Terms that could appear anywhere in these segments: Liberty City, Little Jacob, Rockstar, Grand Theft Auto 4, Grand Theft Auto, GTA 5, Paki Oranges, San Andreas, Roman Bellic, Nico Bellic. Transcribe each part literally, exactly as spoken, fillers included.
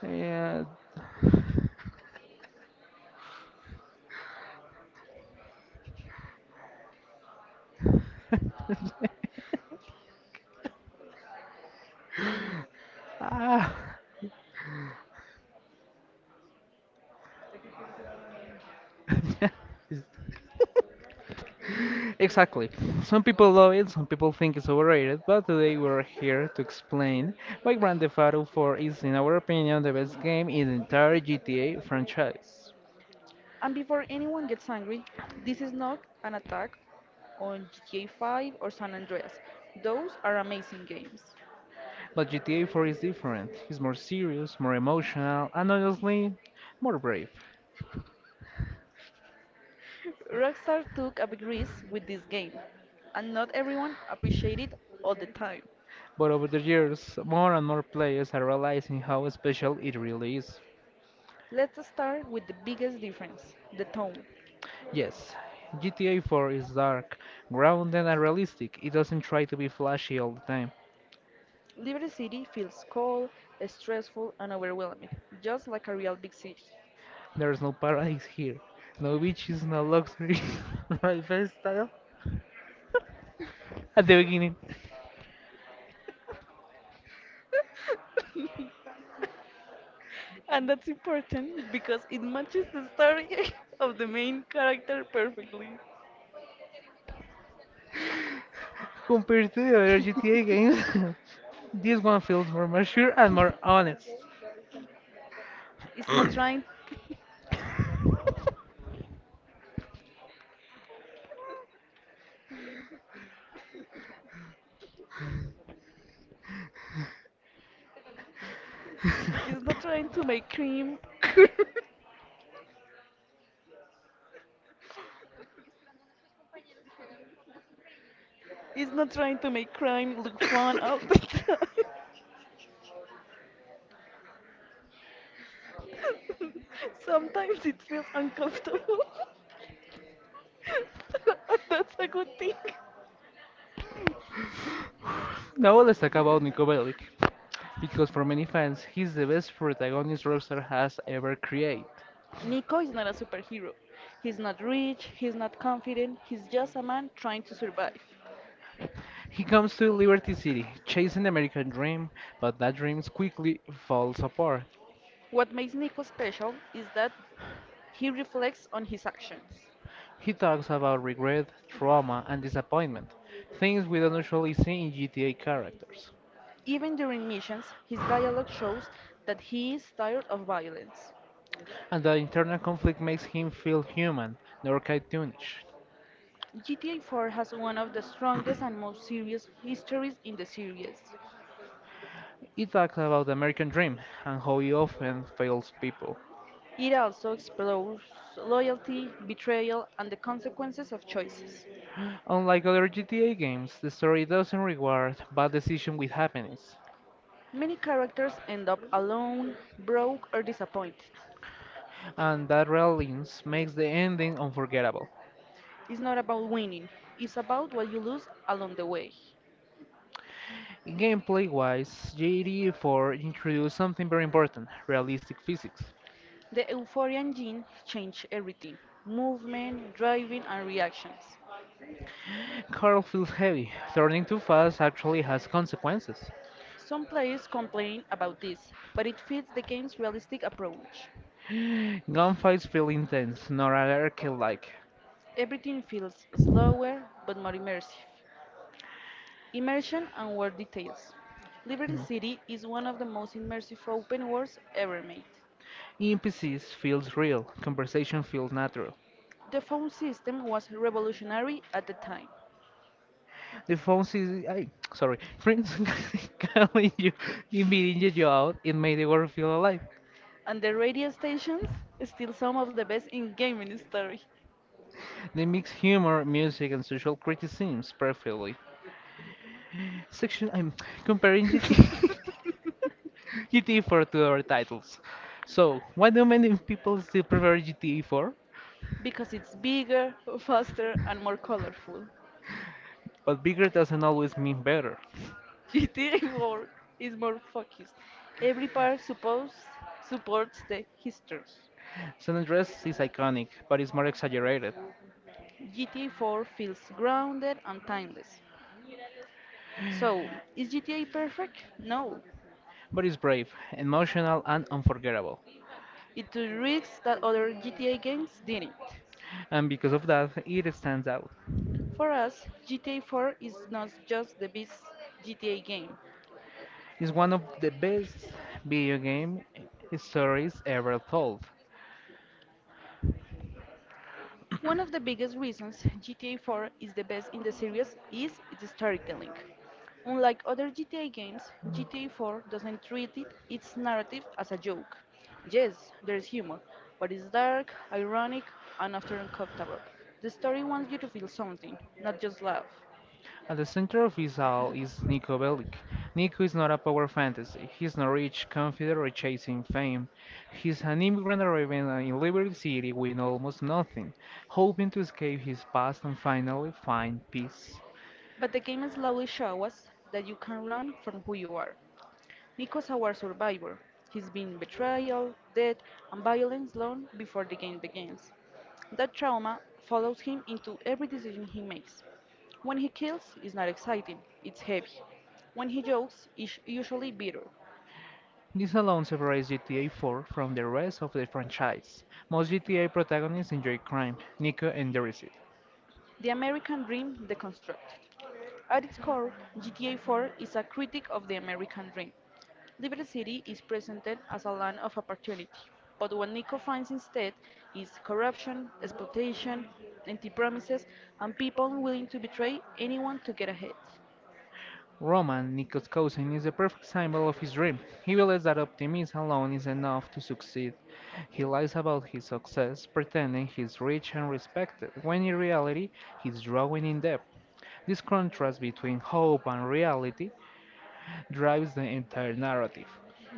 Yeah. Ah, it's- exactly. Some people love it, some people think it's overrated, but today we're here to explain why Grand Theft Auto four is, in our opinion, the best game in the entire G T A franchise. And before anyone gets angry, this is not an attack on G T A five or San Andreas. Those are amazing games. But G T A four is different. It's more serious, more emotional, and honestly, more brave. Rockstar took a big risk with this game, and not everyone appreciated it all the time. But over the years, more and more players are realizing how special it really is. Let's start with the biggest difference the tone. Yes, G T A four is dark, grounded, and realistic. It doesn't try to be flashy all the time. Liberty City feels cold, stressful, and overwhelming, just like a real big city. There's no paradise here. No beaches, no luxury, no lifestyle. At the beginning, And that's important because it matches the story of the main character perfectly. compared to the other G T A games, this one feels more mature and more honest. It's not trying it's not trying to make crime It's not trying to make crime look fun all the time. Sometimes it feels uncomfortable. And that's a good thing. Now let's talk about Nico Bellic, because for many fans, he's the best protagonist Rockstar has ever created. Nico is not a superhero. He's not rich, he's not confident, he's just a man trying to survive. He comes to Liberty City, chasing the American dream, but that dream quickly falls apart. What makes Nico special is that he reflects on his actions. He talks about regret, trauma, and disappointment, things we don't usually see in G T A characters. Even during missions, his dialogue shows that he is tired of violence. and the internal conflict makes him feel human, nor cartoonish. G T A four has one of the strongest and most serious histories in the series. It talks about the American dream and how it often fails people. It also explores loyalty, betrayal, and the consequences of choices. Unlike other G T A games, the story doesn't reward bad decisions with happiness, Many characters end up alone, broke, or disappointed. and that realism makes the ending unforgettable. It's not about winning, it's about what you lose along the way. Gameplay wise, G T A four introduced something very important realistic physics. The Euphorian gene changed everything movement, driving, and reactions. Carl feels heavy, turning too fast actually has consequences. Some players complain about this, but it fits the game's realistic approach. Gunfights feel intense, not anarchy like, Everything feels slower but more immersive. Immersion and world details. Liberty City is one of the most immersive open worlds ever made. N P Cs feels real, conversation feels natural. The phone system was revolutionary at the time, The phone sees, I, sorry, friends calling you, inviting you out, it made the world feel alive. and the radio stations still some of the best in gaming history They mix humor, music, and social criticisms perfectly. Section, I'm comparing GT, G T A four to other titles. So, why do many people still prefer G T A four? because it's bigger, faster, and more colorful. But bigger doesn't always mean better. G T A four is more focused. Every part supposed supports the histories. San Andreas is iconic, but it's more exaggerated. G T A four feels grounded and timeless. So, is G T A perfect? No. But it's brave, emotional, and unforgettable. It took risks that other G T A games didn't. and because of that, it stands out. For us, G T A four is not just the best G T A game. It's one of the best video game stories ever told. One of the biggest reasons G T A four is the best in the series is its storytelling. Unlike other G T A games, G T A four doesn't treat it, its narrative as a joke. Yes, there's humor, but it's dark, ironic, and often uncomfortable. The story wants you to feel something, not just laugh. At the center of it all is Nico Bellic. Nico is not a power fantasy. He's not rich, confident, or chasing fame. He's an immigrant arriving in Liberty City with almost nothing, hoping to escape his past and finally find peace. But the game slowly shows us that you can run from who you are. Nico's our survivor. He's been betrayal, death, and violence long before the game begins. That trauma follows him into every decision he makes. When he kills, it's not exciting, it's heavy. When he jokes, it's usually bitter. This alone separates G T A four from the rest of the franchise. Most G T A protagonists enjoy crime, Nico endures it. The American dream deconstructed. At its core, G T A four is a critique of the American dream. Liberty City is presented as a land of opportunity, but what Nico finds instead is corruption, exploitation, empty promises, and people willing to betray anyone to get ahead. Roman, Nico's cousin, is the perfect symbol of his dream. He believes that optimism alone is enough to succeed. He lies about his success, pretending he's rich and respected, when in reality he's drawing in debt. This contrast between hope and reality drives the entire narrative.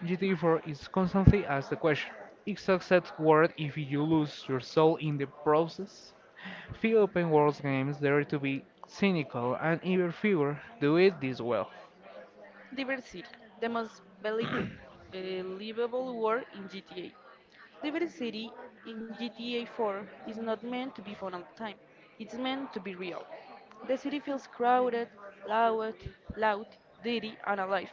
G T A four is constantly asked the question, is success worth if you lose your soul in the process? Few open world games dare to be cynical, and even fewer do it this well. Diversity, the most belie- believable word in G T A. Diversity in G T A four is not meant to be fun all the time. It's meant to be real. The city feels crowded, loud, loud, dirty, and alive.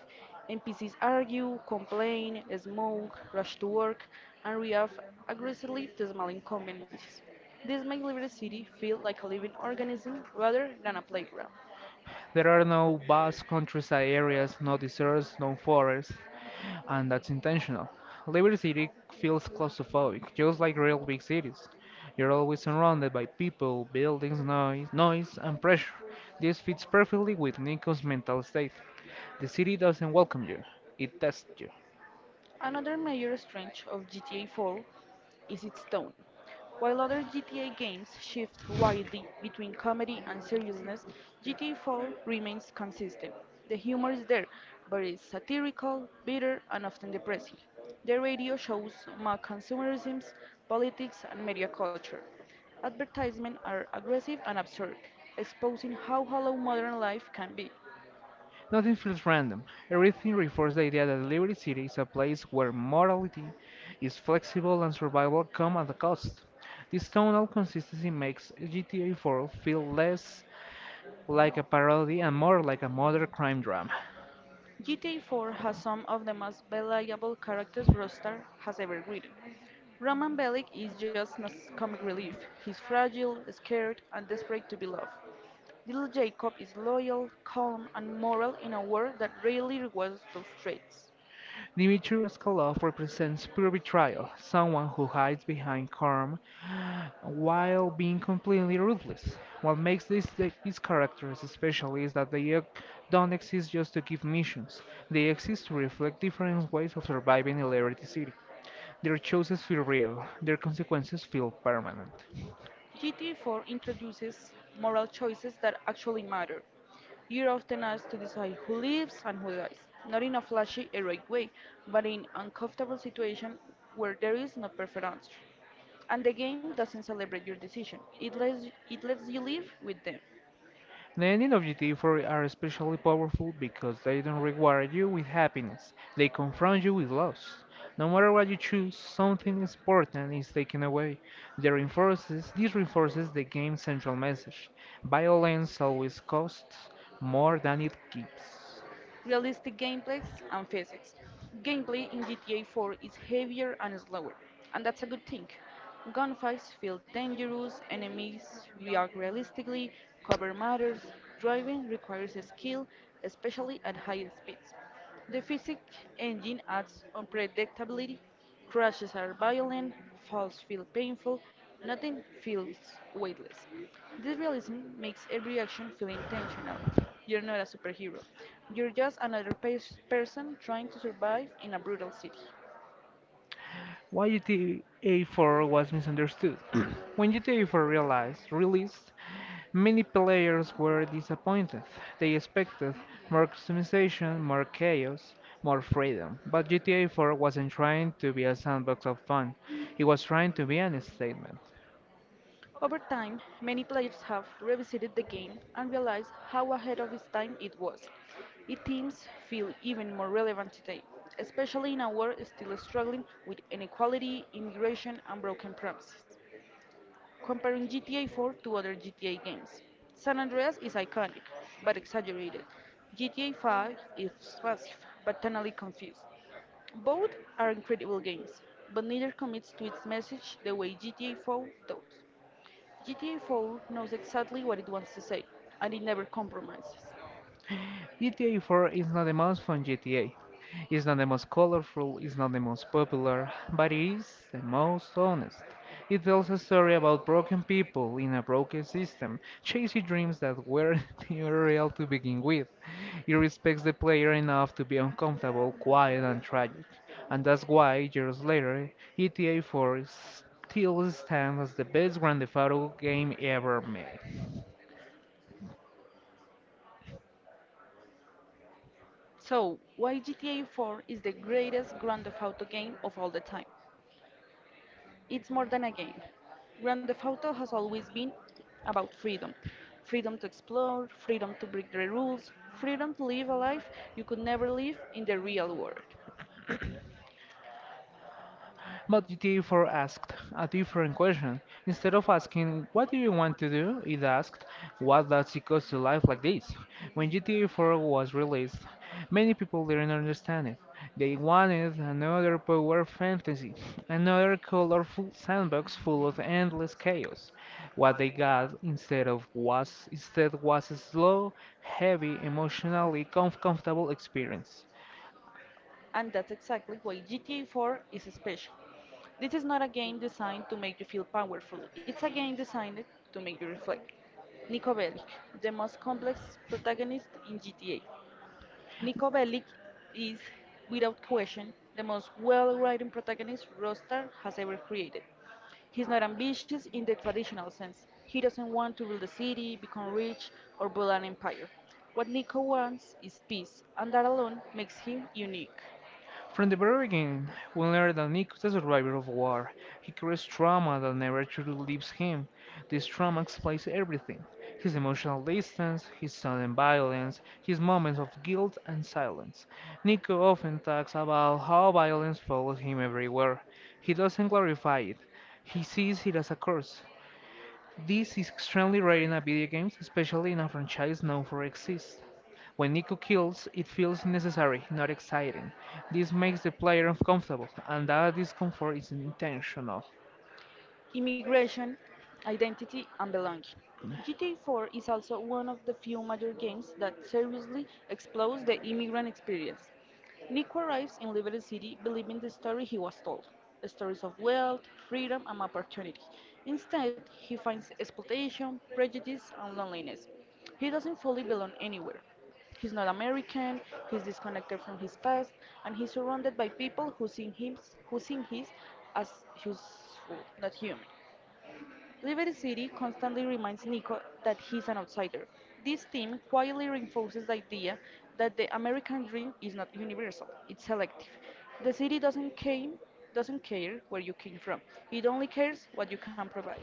N P Cs argue, complain, smoke, rush to work, and react aggressively to small inconveniences. This makes Liberty City feel like a living organism rather than a playground. There are no vast countryside areas, no deserts, no forests, and that's intentional. Liberty City feels claustrophobic, just like real big cities. You're always surrounded by people, buildings, noise, noise, and pressure. This fits perfectly with Nico's mental state. The city doesn't welcome you, it tests you. Another major strength of G T A four is its tone. While other G T A games shift widely between comedy and seriousness, G T A four remains consistent. The humor is there, but it's satirical, bitter, and often depressing. The radio shows mock consumerism, politics, and media culture. Advertisements are aggressive and absurd, exposing how hollow modern life can be. Nothing feels random. Everything reinforces the idea that Liberty City is a place where morality is flexible and survival come at a cost. This tonal consistency makes G T A four feel less like a parody and more like a modern crime drama. G T A four has some of the most believable characters Rockstar has ever written. Roman Bellic is just a comic relief. He's fragile, scared, and desperate to be loved. Little Jacob is loyal, calm, and moral in a world that rarely rewards those traits. The immature Skoloff represents pure betrayal, someone who hides behind calm while being completely ruthless. What makes these, these characters special is that they don't exist just to give missions, they exist to reflect different ways of surviving in Liberty City. Their choices feel real, their consequences feel permanent. G T A four introduces moral choices that actually matter. You're often asked to decide who lives and who dies, not in a flashy, heroic way, but in uncomfortable situations where there is no perfect answer. And the game doesn't celebrate your decision, it lets, it lets you live with them. The ending of G T A four are especially powerful because they don't reward you with happiness, they confront you with loss. No matter what you choose, something important is taken away. They reinforces, this reinforces the game's central message violence always costs more than it keeps. Realistic gameplays, and physics. Gameplay in G T A four is heavier and slower, and that's a good thing. Gunfights feel dangerous, enemies react realistically, cover matters, driving requires skill, especially at high speeds. The physics engine adds unpredictability. Crashes are violent, falls feel painful, nothing feels weightless. This realism makes every action feel intentional. You're not a superhero. You're just another pers- person trying to survive in a brutal city. why G T A four was misunderstood. When G T A four realized, released, many players were disappointed. They expected more customization, more chaos, more freedom. But G T A four wasn't trying to be a sandbox of fun, it was trying to be an statement. Over time, many players have revisited the game and realized how ahead of its time it was. Its themes feel even more relevant today, especially in a world still struggling with inequality, immigration, and broken promises. Comparing G T A four to other G T A games, San Andreas is iconic, but exaggerated. G T A five is massive, but tonally confused. Both are incredible games, but neither commits to its message the way G T A four does. G T A four knows exactly what it wants to say, and it never compromises. G T A four is not the most fun G T A. It's not the most colorful, it's not the most popular, but it is the most honest. It tells a story about broken people in a broken system, chasing dreams that weren't even real to begin with. It respects the player enough to be uncomfortable, quiet, and tragic, and that's why, years later, G T A four is still stands as the best Grand Theft Auto game ever made. So, why G T A four is the greatest Grand Theft Auto game of all the time? It's more than a game. Grand Theft Auto has always been about freedom. Freedom to explore, freedom to break the rules, freedom to live a life you could never live in the real world. But the therefore asked a different question. Instead of asking, What do you want to do? It asked, What does it cost to life like this? When G T A four was released, many people didn't understand it. They wanted another power fantasy, another colorful sandbox full of endless chaos. What they got instead of was instead was a slow, heavy, emotionally com- comfortable experience. And that's exactly why G T A four is special. This is not a game designed to make you feel powerful, it's a game designed to make you reflect. Nico Bellic, the most complex protagonist in G T A. Niko Bellic is, without question, the most well-written protagonist Rostar has ever created. He's not ambitious in the traditional sense. He doesn't want to rule the city, become rich, or build an empire. What Nico wants is peace, and that alone makes him unique. From the very beginning, we learn that Nick is a survivor of war. He carries trauma that never truly leaves him. This trauma explains everything his emotional distance, his sudden violence, his moments of guilt and silence. Nico often talks about how violence follows him everywhere. He doesn't glorify it, he sees it as a curse. This is extremely rare in a video games, especially in a franchise known for exists. When Nico kills, it feels necessary, not exciting. This makes the player uncomfortable, and that discomfort is intentional. Immigration, identity, and belonging. G T A four is also one of the few major games that seriously explores the immigrant experience. Nico arrives in Liberty City believing the story he was told stories of wealth, freedom, and opportunity. Instead, he finds exploitation, prejudice, and loneliness. He doesn't fully belong anywhere. He's not American, he's disconnected from his past, and he's surrounded by people who see him who see him as useful, not human. Liberty City constantly reminds Nico that he's an outsider. This theme quietly reinforces the idea that the American dream is not universal, it's selective. The city doesn't came doesn't care where you came from. It only cares what you can provide.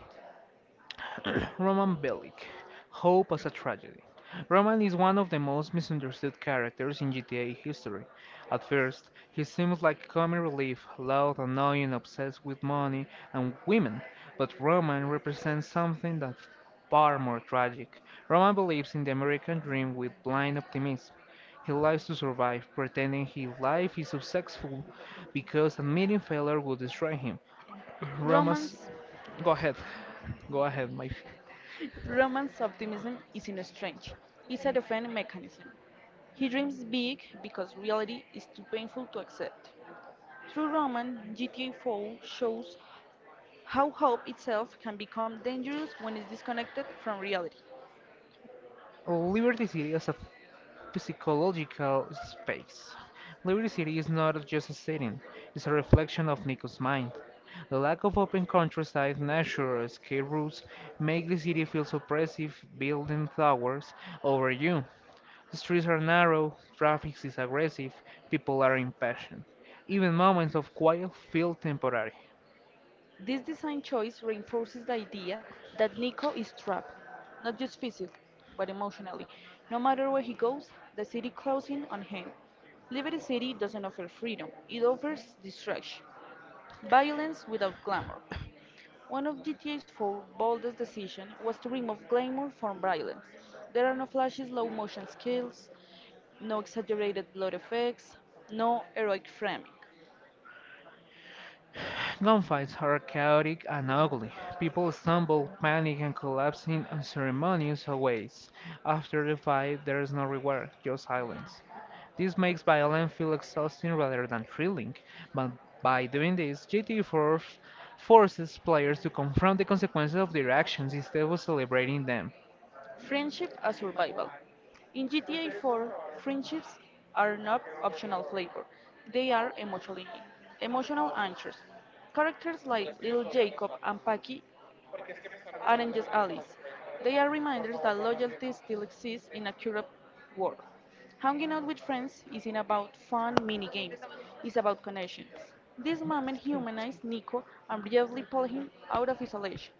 Roman Bellic, hope as a tragedy. Roman is one of the most misunderstood characters in G T A history. At first, he seems like comic relief, loud, annoying, obsessed with money and women, but Roman represents something that's far more tragic. Roman believes in the American dream with blind optimism. He lives to survive, pretending his life is successful because admitting failure would destroy him. Roman's. Romance, Go ahead. Go ahead, Mike. Romance optimism is in a strange. It's a defense mechanism. He dreams big because reality is too painful to accept. Through Roman, G T A four shows how hope itself can become dangerous when it's disconnected from reality. Liberty City is a psychological space. Liberty City is not just a setting, it's a reflection of Nico's mind. The lack of open countryside, nature, escape routes make the city feel so oppressive, building towers over you. The streets are narrow, traffic is aggressive, people are impatient. Even moments of quiet feel temporary. This design choice reinforces the idea that Nico is trapped, not just physically, but emotionally. No matter where he goes, the city closes in on him. Liberty City doesn't offer freedom, it offers distraction, violence without glamour. One of G T A four's boldest decisions was to remove glamour from violence. There are no flashy slow motion skills, no exaggerated blood effects, no heroic framing. Gunfights are chaotic and ugly. People stumble, panic, and collapse in unceremonious ways. After the fight, there is no reward, just silence. This makes violence feel exhausting rather than thrilling, but by doing this, G T A four forces players to confront the consequences of their actions instead of celebrating them. Friendship as survival. In G T A four, friendships are not optional flavor. They are emotionally emotional anchors. Characters like Little Jacob and Paki Oranges allies. They are reminders that loyalty still exists in a corrupt world. Hanging out with friends isn't about fun mini games, it's about connections. This moment humanized Nico and briefly pulled him out of isolation.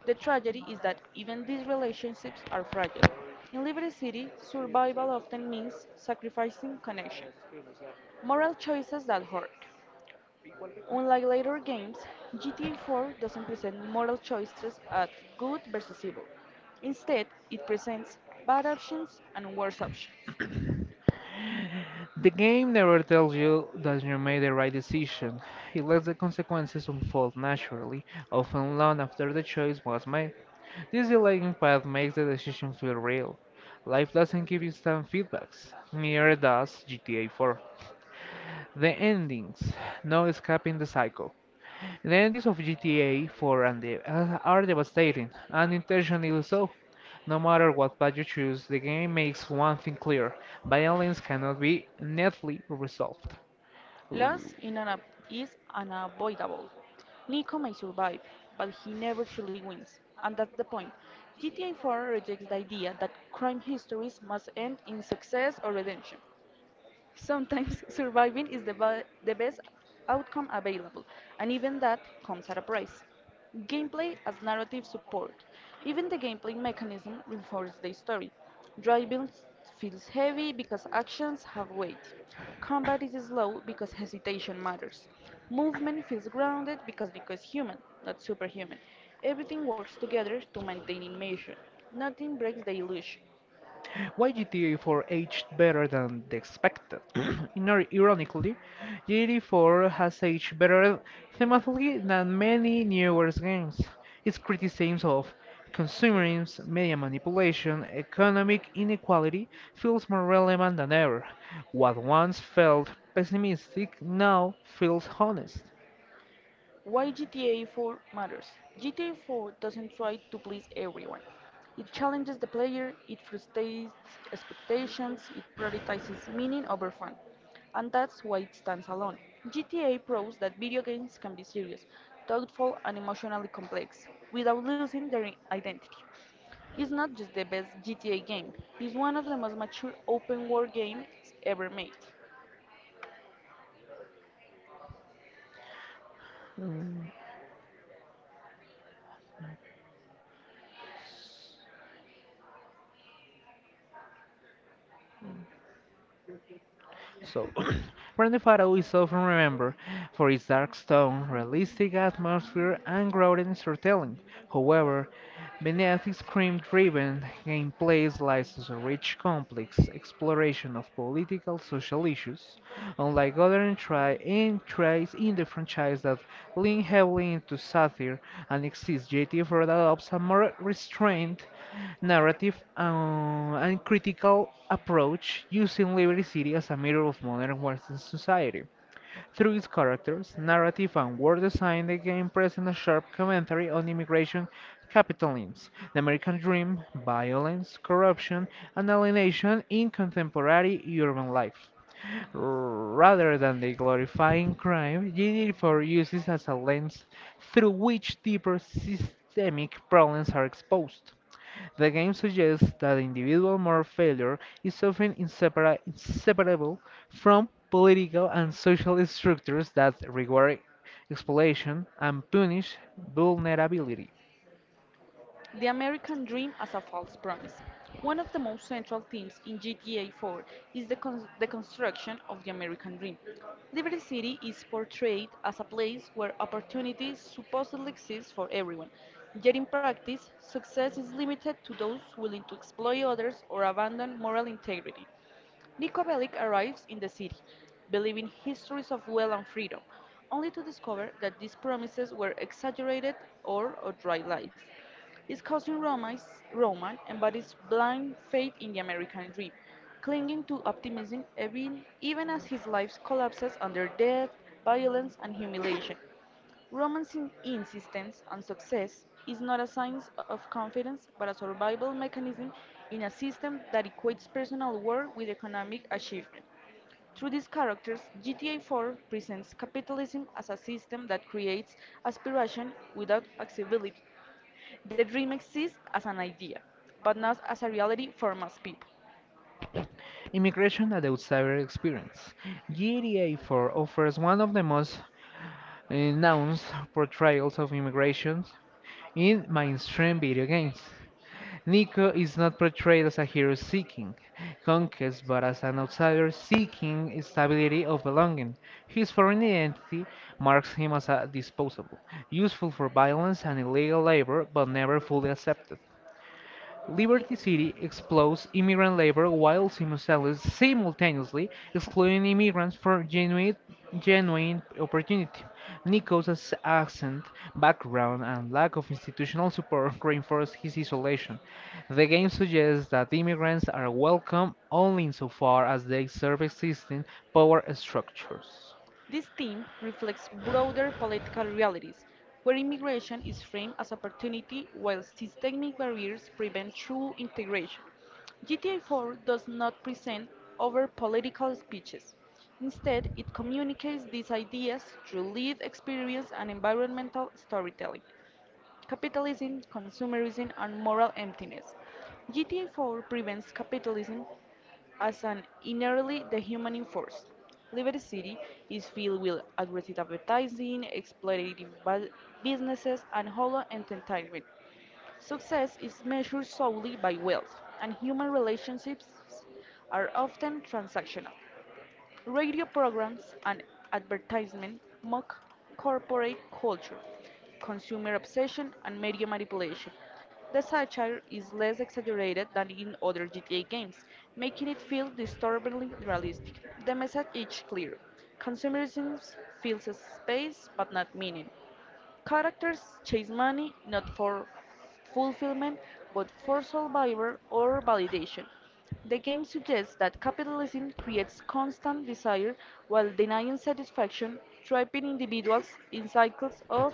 The tragedy is that even these relationships are fragile. In Liberty City, survival often means sacrificing connection. Moral choices that hurt. Unlike later games, G T A four doesn't present moral choices at good versus evil. Instead, it presents bad options and worse options. The game never tells you that you made the right decision. It lets the consequences unfold naturally, often long after the choice was made. This delaying path makes the decision feel real. Life doesn't give instant feedbacks, neither does G T A four. The endings, no escaping the cycle. The endings of G T A four and the, uh, are devastating, and intentionally so. No matter what path you choose, the game makes one thing clear violence cannot be neatly resolved. Loss in an is unavoidable. Nico may survive, but he never truly wins, and that's the point. G T A four rejects the idea that crime histories must end in success or redemption. Sometimes surviving is the, ba- the best outcome available, and even that comes at a price. Gameplay as narrative support. Even the gameplay mechanism reinforces the story. Driving feels heavy because actions have weight. Combat is slow because hesitation matters. Movement feels grounded because because human, not superhuman. Everything works together to maintain immersion. Nothing breaks the illusion. Why G T A four aged better than the expected? Inor- Ironically, G T A four has aged better thematically than many newer games. Its criticisms of consumerism, media manipulation, economic inequality feels more relevant than ever. What once felt pessimistic now feels honest. Why G T A four matters. G T A four doesn't try to please everyone. It challenges the player, it frustrates expectations, it prioritizes meaning over fun. And that's why it stands alone. G T A proves that video games can be serious, thoughtful, and emotionally complex without losing their identity. It's not just the best G T A game, it's one of the most mature open world games ever made. So, Grand Theft Auto is often remembered for its dark tone, realistic atmosphere, and grounded storytelling. However, beneath its crime-driven gameplay lies a rich, complex exploration of political social issues. Unlike other entry entries in the franchise that lean heavily into satire and exist, J T F adopts a more restrained narrative uh, and critical approach, using Liberty City as a mirror of modern Western society. Through its characters, narrative, and word design, the game presents a sharp commentary on immigration, capitalism, the American dream, violence, corruption, and alienation in contemporary urban life. Rather than the glorifying crime, G D P R uses as a lens through which deeper systemic problems are exposed. The game suggests that individual moral failure is often insepara- inseparable from political and social structures that reward exploitation and punish vulnerability. The American Dream as a False Promise. One of the most central themes in G T A four is the, con- the construction of the American Dream. Liberty City is portrayed as a place where opportunities supposedly exist for everyone, yet in practice, success is limited to those willing to exploit others or abandon moral integrity. Nico Bellic arrives in the city, believing histories of wealth and freedom, only to discover that these promises were exaggerated or outright lies. His cousin Roman's, Roman embodies blind faith in the American dream, clinging to optimism even, even as his life collapses under death, violence, and humiliation. Roman's in- insistence on success is not a sign of confidence but a survival mechanism in a system that equates personal worth with economic achievement. Through these characters, G T A four presents capitalism as a system that creates aspiration without accessibility. The dream exists as an idea, but not as a reality for most people. Immigration and outsider experience. G T A four offers one of the most uh, nuanced portrayals of immigration. In mainstream video games, Nico is not portrayed as a hero seeking conquest but as an outsider seeking stability of belonging. His foreign identity marks him as a disposable, useful for violence and illegal labor but never fully accepted. Liberty City explodes immigrant labor while simultaneous- simultaneously excluding immigrants from genuine, genuine opportunity. Nichols' accent, background, and lack of institutional support reinforce his isolation. The game suggests that immigrants are welcome only insofar as they serve existing power structures. This theme reflects broader political realities, where immigration is framed as opportunity while systemic barriers prevent true integration. G T A four does not present over political speeches. Instead, it communicates these ideas through lived experience and environmental storytelling capitalism, consumerism, and moral emptiness. G T A four prevents capitalism as an inherently dehumanizing force. Liberty City is filled with aggressive advertising, exploitative bu- businesses, and hollow entertainment. Success is measured solely by wealth, and human relationships are often transactional radio programs and advertisement mock corporate culture, consumer obsession, and media manipulation. The satire is less exaggerated than in other G T A games, making it feel disturbingly realistic. The message is clear. Consumerism fills a space but not meaning. Characters chase money, not for fulfillment, but for survival or validation. The game suggests that capitalism creates constant desire while denying satisfaction, trapping individuals in cycles of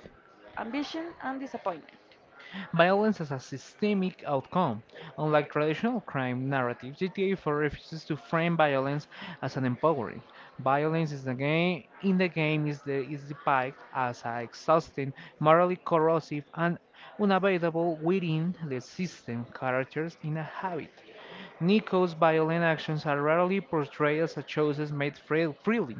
ambition and disappointment. Violence as a systemic outcome. Unlike traditional crime narratives, G T A four refuses to frame violence as an empowering. Violence is the game in the game is the is depicted as a exhausting, morally corrosive, and unavoidable within the system characters in a habit. Nico's violent actions are rarely portrayed as choices made free- freely.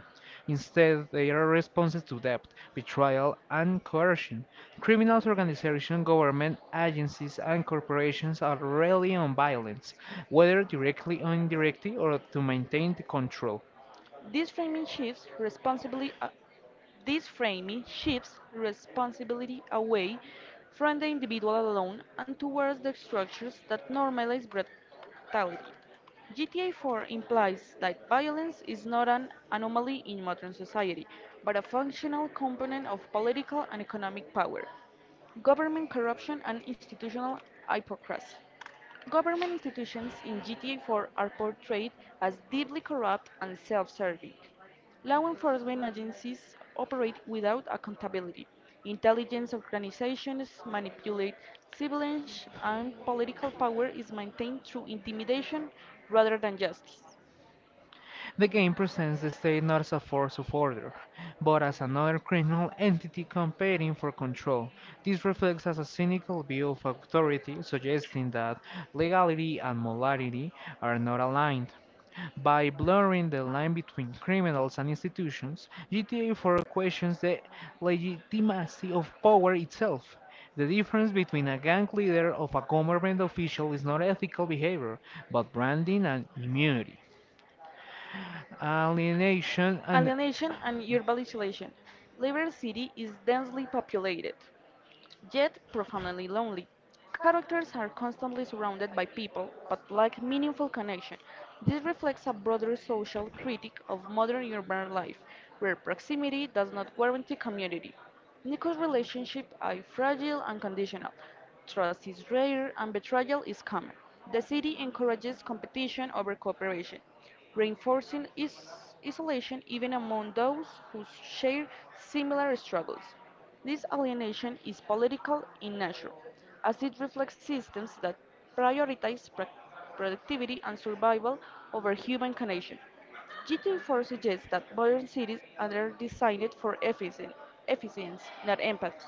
Instead, they are responses to debt, betrayal, and coercion. Criminals, organizations, government agencies, and corporations are rarely on violence, whether directly or indirectly, or to maintain the control. This framing shifts responsibly uh, This framing shifts responsibility away from the individual alone and towards the structures that normalize brutality. G T A four implies that violence is not an anomaly in modern society, but a functional component of political and economic power, government corruption, and institutional hypocrisy. Government institutions in G T A four are portrayed as deeply corrupt and self-serving. Law enforcement agencies operate without accountability. Intelligence organizations manipulate civilians, and political power is maintained through intimidation rather than justice. The game presents the state not as a force of order, but as another criminal entity competing for control. This reflects as a cynical view of authority, suggesting that legality and morality are not aligned. By blurring the line between criminals and institutions, G T A four questions the legitimacy of power itself. The difference between a gang leader of a government official is not ethical behavior, but branding and immunity alienation and Alienation and urbanization. Liberty City is densely populated, yet profoundly lonely. Characters are constantly surrounded by people but lack meaningful connection. This reflects a broader social critique of modern urban life, where proximity does not guarantee community. Nico's relationships are fragile and conditional. Trust is rare and betrayal is common. The city encourages competition over cooperation, reinforcing is- isolation even among those who share similar struggles. This alienation is political in nature, as it reflects systems that prioritize pro- productivity and survival over human connection. G T A four suggests that modern cities are designed for efficien- efficiency, not empathy.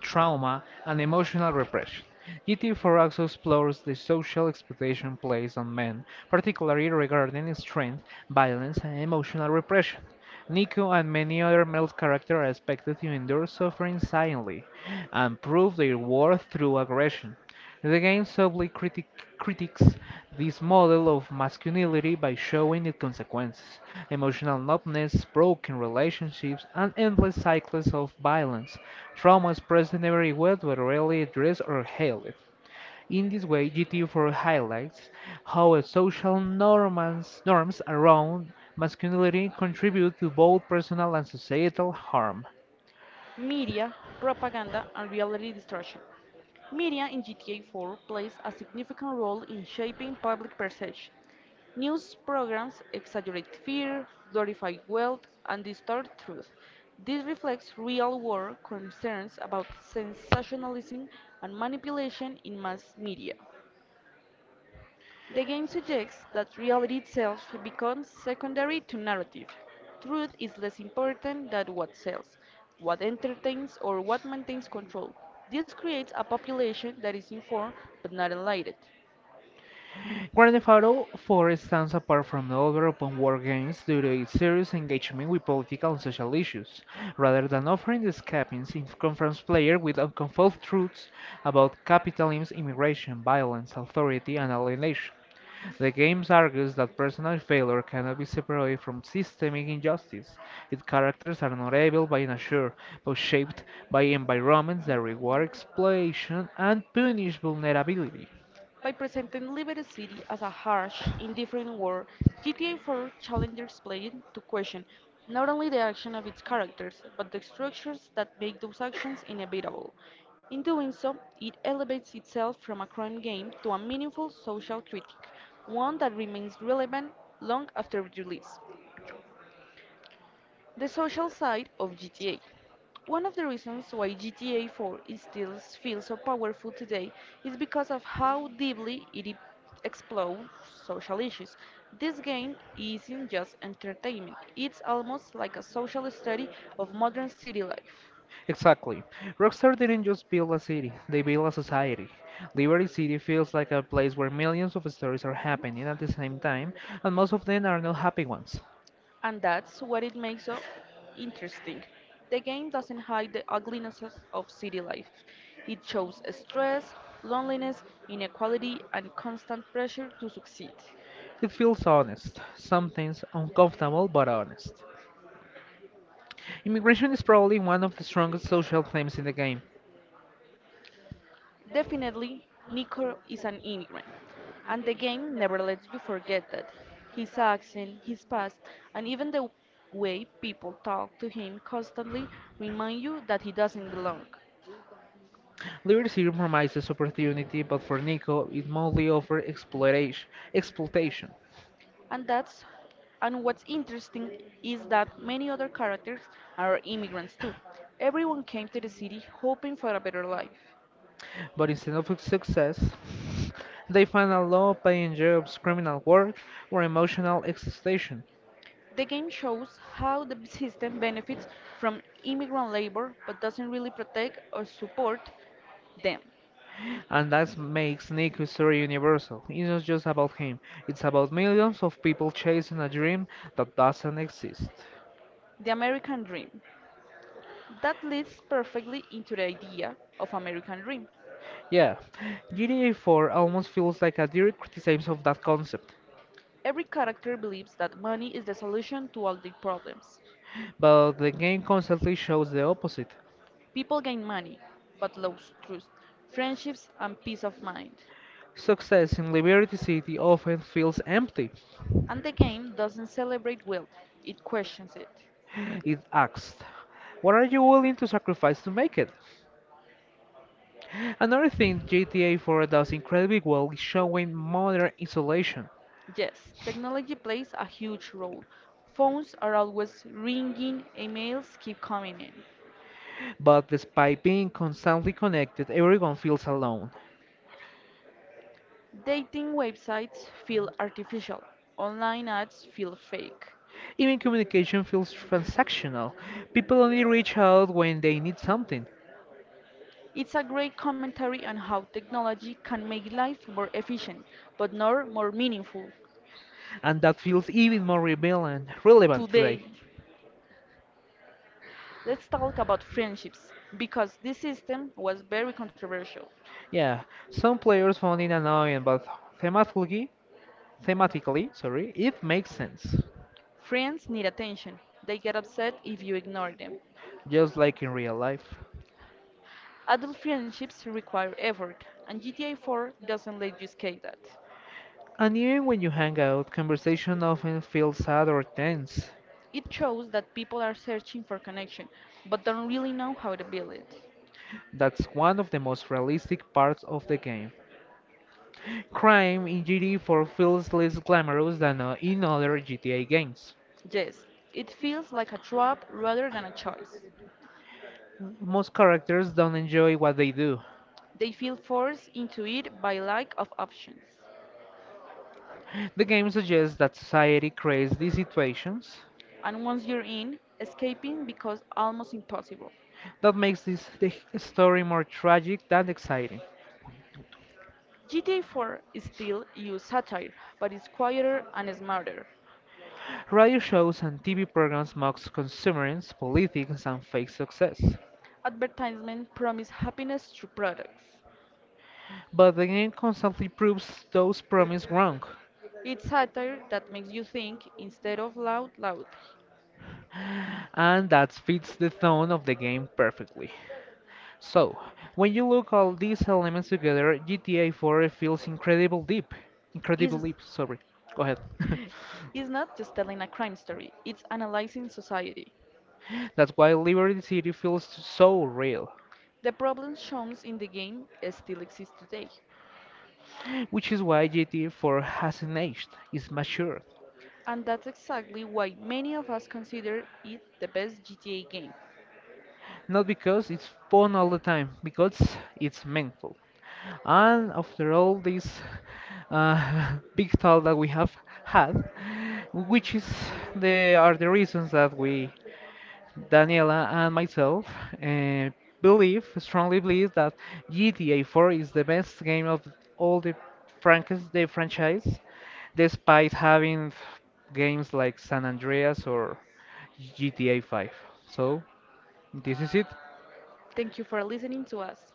trauma and emotional repression. G T four also explores the social expectation placed on men, particularly regarding strength, violence, and emotional repression. Nico and many other male characters are expected to endure suffering silently and prove their worth through aggression. The game subtly critic critiques this model of masculinity by showing its consequences emotional numbness, broken relationships, and endless cycles of violence, traumas present everywhere but rarely addressed or healed. In this way, G T four highlights how social norms, norms around masculinity contribute to both personal and societal harm. Media, propaganda, and reality distortion. Media in G T A four plays a significant role in shaping public perception. News programs exaggerate fear, glorify wealth, and distort truth. This reflects real world concerns about sensationalism and manipulation in mass media. The game suggests that reality itself becomes secondary to narrative. Truth is less important than what sells, what entertains, or what maintains control. This creates a population that is informed but not enlightened. Grand Theft Auto four stands apart from other open world games due to its serious engagement with political and social issues. Rather than offering the escapings, it confronts players with unconfessed truths about capitalism, immigration, violence, authority, and alienation. The game argues that personal failure cannot be separated from systemic injustice. Its characters are not able by nature, but shaped by environments that reward exploitation and punish vulnerability. By presenting Liberty City as a harsh, indifferent world, G T A four challenges players to question not only the action of its characters, but the structures that make those actions inevitable. In doing so, it elevates itself from a crime game to a meaningful social critique, one that remains relevant long after release. The social side of G T A. One of the reasons why G T A four is still feels so powerful today is because of how deeply it e- explores social issues. This game isn't just entertainment, it's almost like a social study of modern city life. Exactly. Rockstar didn't just build a city, they built a society. Liberty City feels like a place where millions of stories are happening at the same time, and most of them are not happy ones. And that's what it makes so interesting. The game doesn't hide the uglinesses of city life. It shows stress, loneliness, inequality, and constant pressure to succeed. It feels honest, sometimes uncomfortable but honest. Immigration is probably one of the strongest social themes in the game. Definitely, Nico is an immigrant, and the game never lets you forget that. His accent, his past, and even the way people talk to him constantly remind you that he doesn't belong. Liberty City promises opportunity, but for Nico, it mostly offers exploitation. exploitation. And that's and what's interesting is that many other characters are immigrants too. Everyone came to the city hoping for a better life. But instead of success, they find a low paying jobs, criminal work, or emotional exhaustion. The game shows how the system benefits from immigrant labor but doesn't really protect or support them. And that makes Nico's story universal. It's not just about him, it's about millions of people chasing a dream that doesn't exist. The American Dream. That leads perfectly into the idea of American Dream. Yeah, G T A four almost feels like a direct criticism of that concept, Every character believes that money is the solution to all their problems. but the game constantly shows the opposite. People gain money, but lose trust, friendships, and peace of mind. Success in Liberty City often feels empty. And the game doesn't celebrate wealth, it questions it. It asks, what are you willing to sacrifice to make it? Another thing G T A four does incredibly well is showing modern isolation, Yes, technology plays a huge role. Phones are always ringing, emails keep coming in. but despite being constantly connected, everyone feels alone. Dating websites feel artificial, online ads feel fake. Even communication feels transactional. People only reach out when they need something, It's a great commentary on how technology can make life more efficient, but not more meaningful. and that feels even more relevant relevant today. Today, let's talk about friendships, because this system was very controversial. Yeah, some players found it annoying, but thematically, thematically, sorry, it makes sense, Friends need attention, they get upset if you ignore them. just like in real life. Adult friendships require effort, and G T A four doesn't let you escape that. And even when you hang out, conversation often feels sad or tense. It shows that people are searching for connection, but don't really know how to build it. That's one of the most realistic parts of the game. Crime in gta four feels less glamorous than uh, in other G T A games. Yes, it feels like a trap rather than a choice. Most characters don't enjoy what they do. They feel forced into it by lack of options. The game suggests that society creates these situations And once you're in, escaping becomes almost impossible. that makes this the story more tragic than exciting. G T A four is still used satire, but it's quieter and smarter. Radio shows and T V programs mock consumerism, politics, and fake success. Advertisements promise happiness through products. But the game constantly proves those promises wrong, It's satire that makes you think instead of loud loudly. and that fits the tone of the game perfectly. So, when you look all these elements together, G T A four feels incredible deep. Incredible It's, deep, sorry. Go ahead. it's not just telling a crime story, it's analyzing society. That's why Liberty City feels so real, The problem shown in the game still exists today. which is why G T A four hasn't aged, it's matured. And that's exactly why many of us consider it the best G T A game. Not because it's fun all the time, because it's meaningful. And after all this uh, big talk that we have had, which is the are the reasons that we Daniela and myself uh, believe, strongly believe that G T A four is the best game of all the franchise, the franchise, despite having games like San Andreas or G T A five. So this is it. Thank you for listening to us.